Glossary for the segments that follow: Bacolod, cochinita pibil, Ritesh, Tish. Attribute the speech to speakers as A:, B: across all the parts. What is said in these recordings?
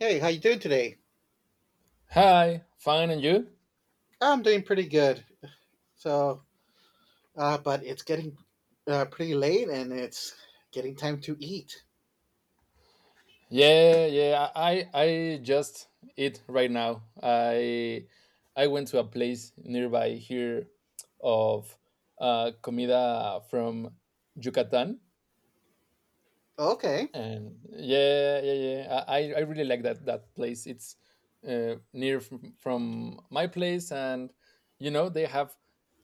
A: Hey, how you doing today?
B: Hi, fine, and you?
A: I'm doing pretty good. So, but it's getting pretty late, and it's getting time to eat.
B: Yeah, yeah. I just eat right now. I went to a place nearby here of comida from Yucatan,
A: Okay,
B: and yeah, yeah, yeah, I really like that place. It's near from my place, and you know they have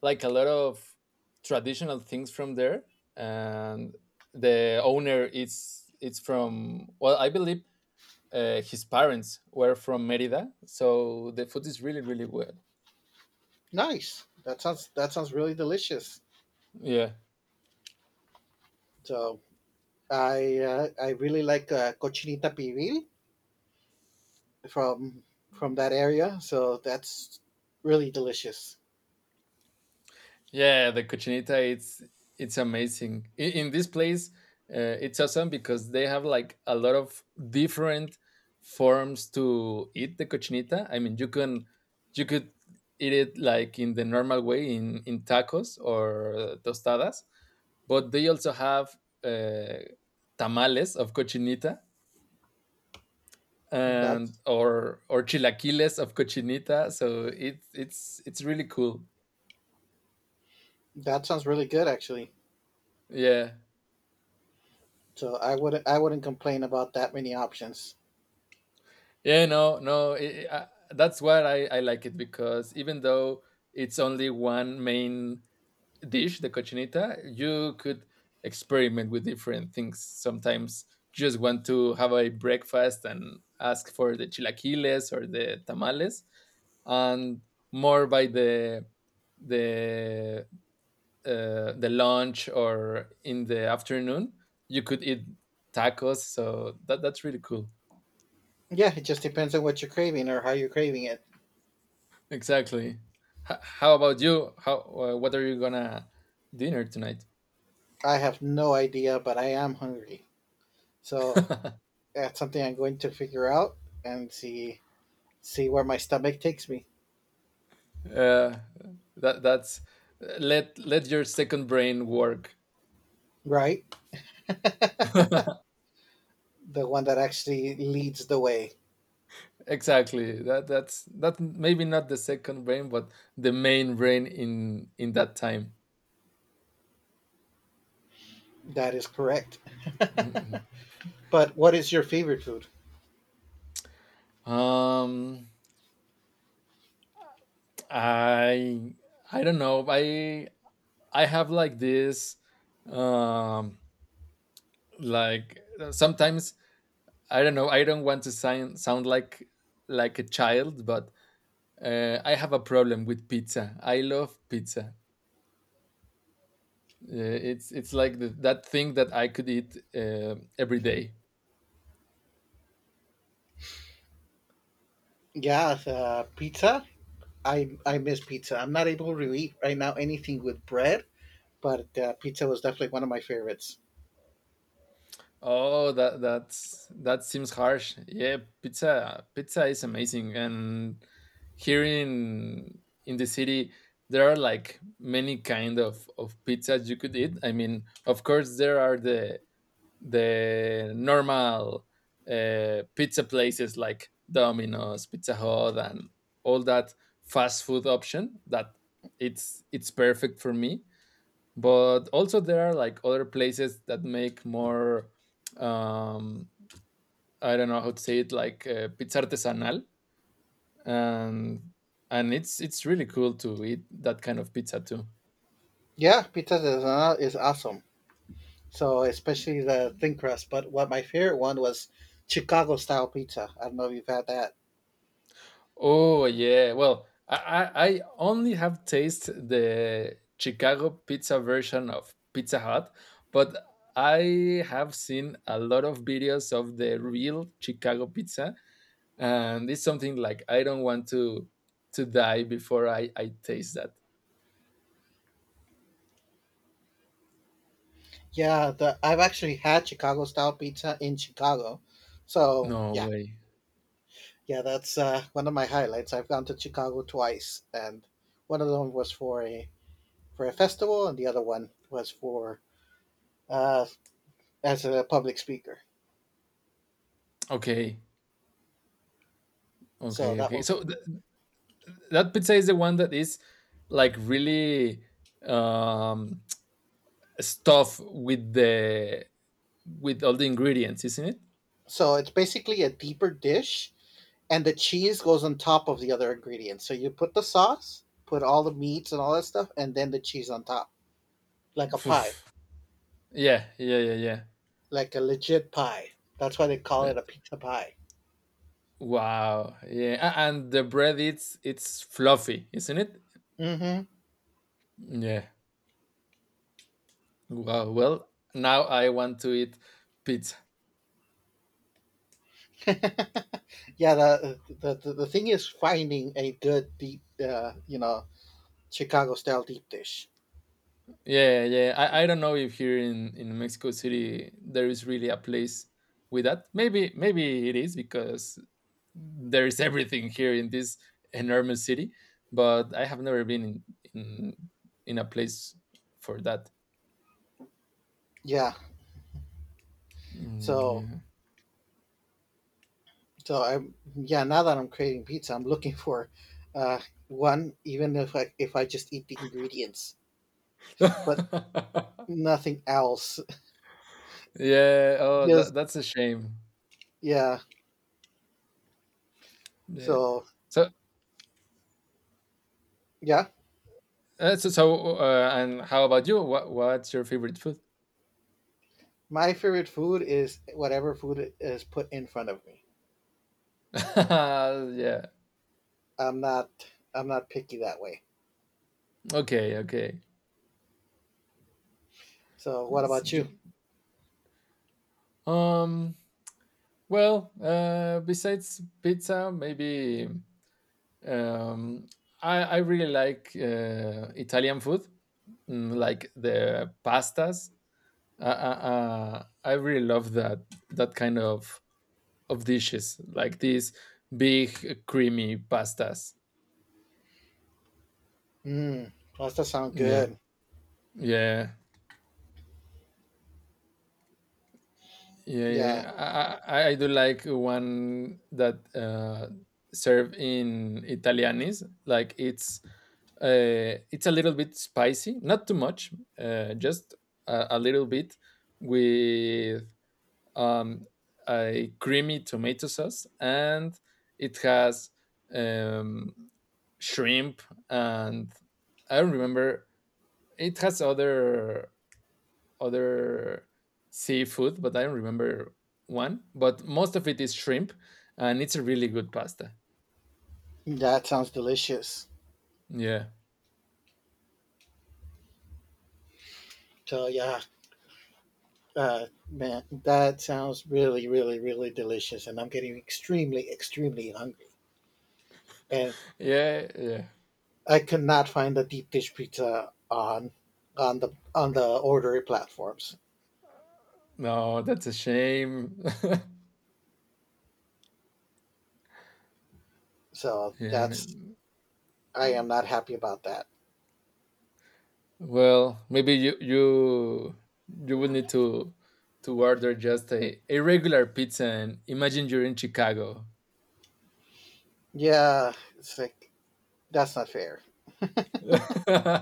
B: like a lot of traditional things from there. And the owner is, it's from, well, I believe his parents were from Merida, so the food is really, really well.
A: nice. That sounds really delicious.
B: Yeah.
A: So, I really like cochinita pibil from from that area. So that's really delicious.
B: Yeah, the cochinita, it's amazing. In this place, it's awesome because they have like a lot of different forms to eat the cochinita. I mean, you could eat it like in the normal way, in tacos or tostadas, but they also have uh, tamales of cochinita, and
A: That's
B: or chilaquiles of cochinita. So it's really cool.
A: that sounds really good actually.
B: Yeah.
A: So I wouldn't complain about that many options.
B: Yeah, no, no. That's why I like it, because even though it's only one main dish, the cochinita, you could experiment with different things. Sometimes just want to have a breakfast and ask for the chilaquiles or the tamales, and more by the the lunch or in the afternoon, you could eat tacos. So that's really cool.
A: Yeah, it just depends on what you're craving or how you're craving it.
B: Exactly. How about you? How what are you gonna dinner tonight?
A: I have no idea, but I am hungry. So that's something I'm going to figure out and see where my stomach takes me.
B: Uh, that's let your second brain work.
A: Right? The one that actually leads the way.
B: Exactly. That's that, maybe not the second brain, but the main brain in that time.
A: That is correct.
B: Mm,
A: But what is your favorite food?
B: mm. Um, I I don't know. I have like this. Um, like sometimes I don't know. I don't want to sound like a child, but I have a problem with pizza. I love pizza. Uh, it's like the, that thing that I could eat every day.
A: Yeah, pizza. I miss pizza. I'm not able to eat right now anything with bread, but pizza was definitely one of my favorites.
B: Oh, that's that seems harsh. Yeah, pizza is amazing, and here in the city there are like many kind of pizzas you could eat. I mean, of course there are the normal pizza places like Domino's, Pizza Hut, and all that fast food option, that it's perfect for me. But also there are like other places that make more um, I don't know how to say it, like pizza artesanal, and and it's really cool to eat that kind of pizza too.
A: Yeah, pizza is awesome. So especially the thin crust. But what my favorite one was Chicago style pizza. I don't know if you've had that.
B: Oh yeah. Well, I only have tasted the Chicago pizza version of Pizza Hut, but I have seen a lot of videos of the real Chicago pizza, and it's something like I don't want to die before I taste that.
A: Yeah, the I've actually had Chicago style pizza in Chicago. So
B: No
A: yeah,
B: way.
A: yeah, that's one of my highlights. I've gone to Chicago twice, and one of them was for a festival, and the other one was for uh, as a public speaker.
B: Okay.
A: So
B: Okay.
A: that
B: Okay.
A: was
B: That pizza is the one that is like really um stuffed with the with all the ingredients, isn't it?
A: So it's basically a deeper dish, and the cheese goes on top of the other ingredients. So you put the sauce, put all the meats and all that stuff, and then the cheese on top, like a pie,
B: Poof. Yeah, yeah, yeah, yeah.
A: like a legit pie. That's why they call
B: Uh,
A: it a pizza pie.
B: Wow. Yeah, and the bread, it's fluffy, isn't it?
A: Hmm.
B: Yeah. Wow. Well, now I want to eat pizza.
A: Yeah, the thing is finding a good deep, Chicago style deep dish.
B: Yeah, yeah. I don't know if here in Mexico City there is really a place with that. Maybe maybe it is because there is everything here in this enormous city, but I have never been in in, in a place for that.
A: Yeah,
B: Mm,
A: so
B: yeah.
A: so I'm yeah. Now that I'm creating pizza, I'm looking for uh, one. Even if I just eat the ingredients, but nothing else.
B: Yeah. Oh,
A: Just
B: that's a shame.
A: yeah.
B: Yeah.
A: So
B: So,
A: yeah,
B: so, so and how about you? What what's your favorite food?
A: my favorite food is whatever food is put in front of me.
B: Yeah.
A: I'm not I'm not picky that way.
B: Okay. Okay.
A: So what
B: It's
A: about you?
B: j- um. Well, besides pizza, maybe um, I really like Italian food, mm, like the pastas. Uh, uh, I really love that that kind of dishes like these big creamy pastas.
A: Mm, well, that sound
B: Yeah,
A: good.
B: yeah, yeah,
A: Yeah.
B: yeah. I do like one that serve in Italianis. Like it's a little bit spicy, not too much, just a little bit with um, a creamy tomato sauce, and it has um, shrimp and I don't remember. It has other seafood, but I don't remember one. But most of it is shrimp, and it's a really good pasta.
A: That sounds delicious.
B: Yeah,
A: So yeah, man, that sounds really, really, really delicious, and I'm getting extremely, extremely hungry. And
B: yeah, yeah.
A: I could not find the deep dish pizza on the order platforms.
B: No, that's a shame.
A: So
B: yeah.
A: that's
B: Man.
A: I am not happy about that.
B: Well, maybe you you would need to order just a regular pizza and imagine you're in Chicago.
A: Yeah, it's like that's not fair.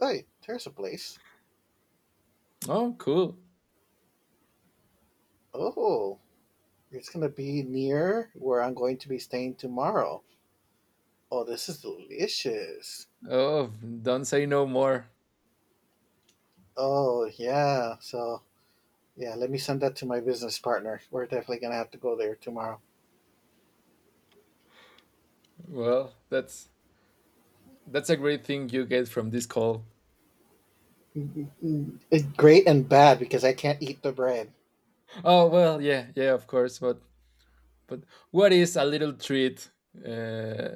A: Wait, there's a place.
B: oh, cool.
A: Oh, it's gonna be near where I'm going to be staying tomorrow. Oh, this is delicious.
B: Oh, don't say no more.
A: Oh yeah, so yeah, let me send that to my business partner. We're definitely gonna have to go there tomorrow.
B: Well, that's that's a great thing you get from this call.
A: It's great and bad because I can't eat the bread.
B: Oh well, yeah, yeah, of course. But but what is a little treat uh,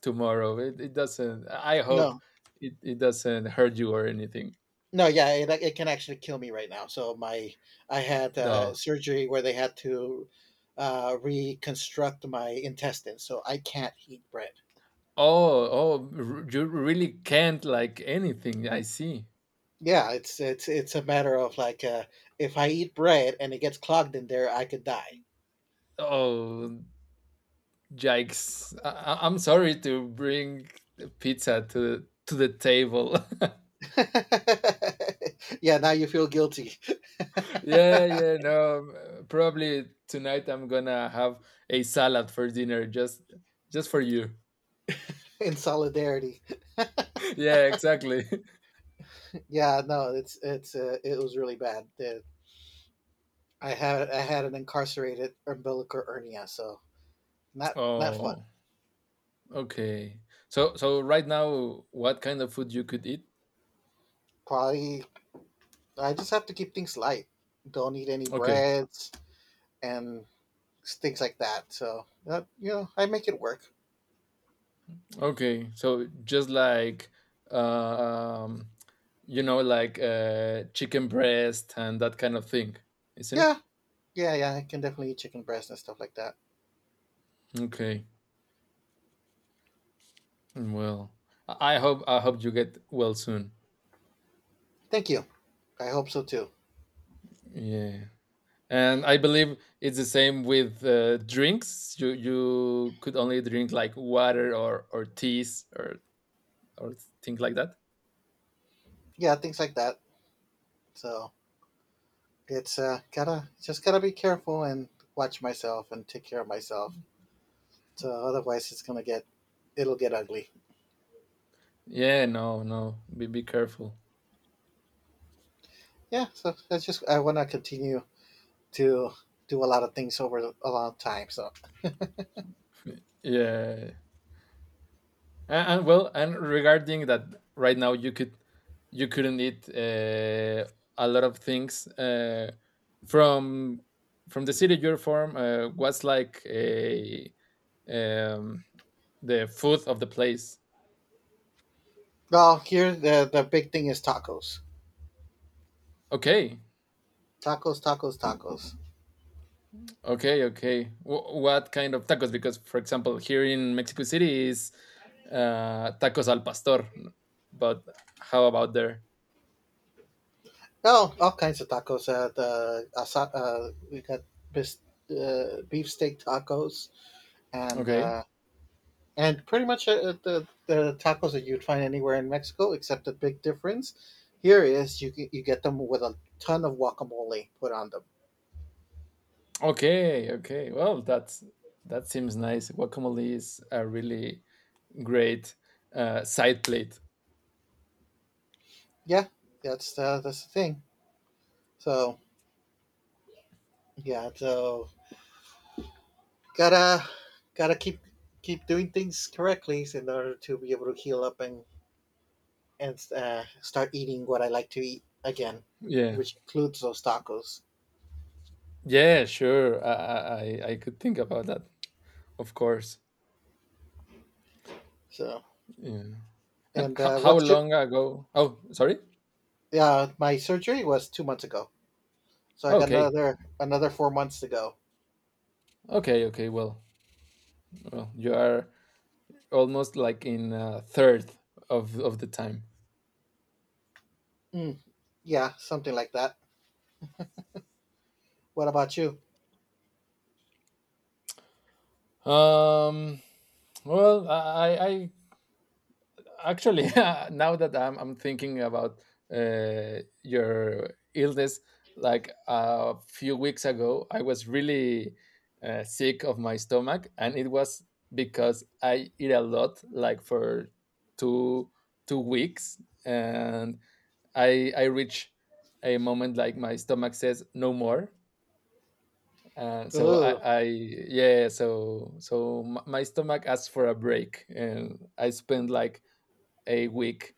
B: tomorrow? It doesn't. I hope
A: No,
B: it, it doesn't hurt you or anything.
A: no, yeah, it can actually kill me right now. So my I had
B: No.
A: surgery where they had to reconstruct my intestines, so I can't eat bread.
B: Oh oh, you really can't like anything. I see.
A: Yeah, it's it's a matter of like if I eat bread and it gets clogged in there, I could die.
B: Oh yikes! I'm sorry to bring pizza to the table.
A: Yeah, now you feel guilty.
B: Yeah, yeah, no. Probably tonight I'm gonna have a salad for dinner, just for you.
A: In solidarity.
B: Yeah, exactly.
A: Yeah, no, it was really bad. I had an incarcerated umbilical hernia, so not fun.
B: Oh, okay. So so right now, what kind of food you could eat?
A: Probably I just have to keep things light. Don't eat any
B: Okay.
A: breads and things like that. So I make it work.
B: Okay. So just like um you know like chicken breast and that kind of thing, isn't it?
A: Yeah, yeah, yeah. I can definitely eat chicken breast and stuff like that.
B: Okay. Well, I hope I hope you get well soon.
A: Thank you. I hope so too.
B: Yeah. And I believe it's the same with drinks. You could only drink like water or teas or things like that.
A: Yeah, things like that. So it's gotta be careful and watch myself and take care of myself. So otherwise, it'll get ugly.
B: Yeah, no, no. Be careful.
A: Yeah, so that's just I want to continue to do a lot of things over a long time. So
B: Yeah. And well, and regarding that, right now you couldn't eat a lot of things from the city you're from. What's like a um, the food of the place?
A: well here the big thing is tacos
B: Okay.
A: tacos tacos tacos.
B: Okay, okay. What kind of tacos? Because, for example, here in Mexico City is tacos al pastor, but how about there?
A: Oh, all kinds of tacos. We got bis- beefsteak tacos and
B: Okay,
A: pretty much the tacos that you'd find anywhere in Mexico, except the big difference here is you get them with a ton of guacamole put on them.
B: okay, okay. Well, that's That seems nice. Guacamole is a really great side plate.
A: Yeah, that's the thing. So yeah, so gotta gotta keep doing things correctly in order to be able to heal up and start eating what I like to eat again,
B: Yeah,
A: which includes those tacos.
B: yeah, sure. I could think about that, of course.
A: So
B: Yeah. And
A: and
B: how
A: what's your
B: long ago? Oh, sorry.
A: my surgery was 2 months ago, so I got
B: Okay,
A: another 4 months to go.
B: okay, okay. Well, well, you are almost like in a third of the time.
A: Mm, yeah, something like that. What about you?
B: Um, well, I actually now that I'm thinking about your illness, like a few weeks ago, I was really sick of my stomach, and it was because I eat a lot, like for two two weeks, and I reach a moment like my stomach says no more. So I,
A: Ooh,
B: I yeah, yeah, so so my stomach asked for a break, and I spent like a week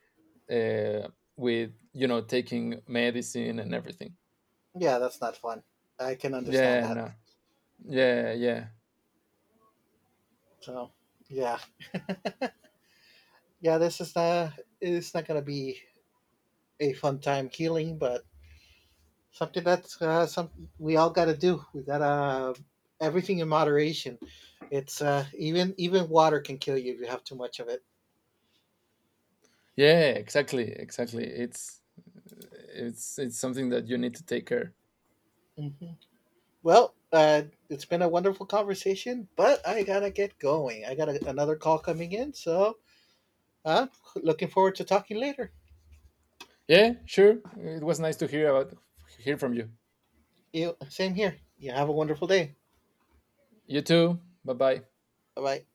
B: uh, with you know taking medicine and everything.
A: yeah, that's not fun. I can understand
B: Yeah,
A: that.
B: no. Yeah, yeah.
A: So yeah, yeah, this is not it's not gonna be a fun time healing, but something that's something we all got to do. We got to Everything in moderation. It's even water can kill you if you have too much of it.
B: Yeah, exactly, exactly. It's something that you need to take care.
A: Hmm. Well, it's been a wonderful conversation, but I gotta get going. I got a, another call coming in, so uh, looking forward to talking later.
B: Yeah, sure. It was nice to hear about hear from you.
A: You same here. You have a wonderful day.
B: You too, bye bye.
A: Bye bye.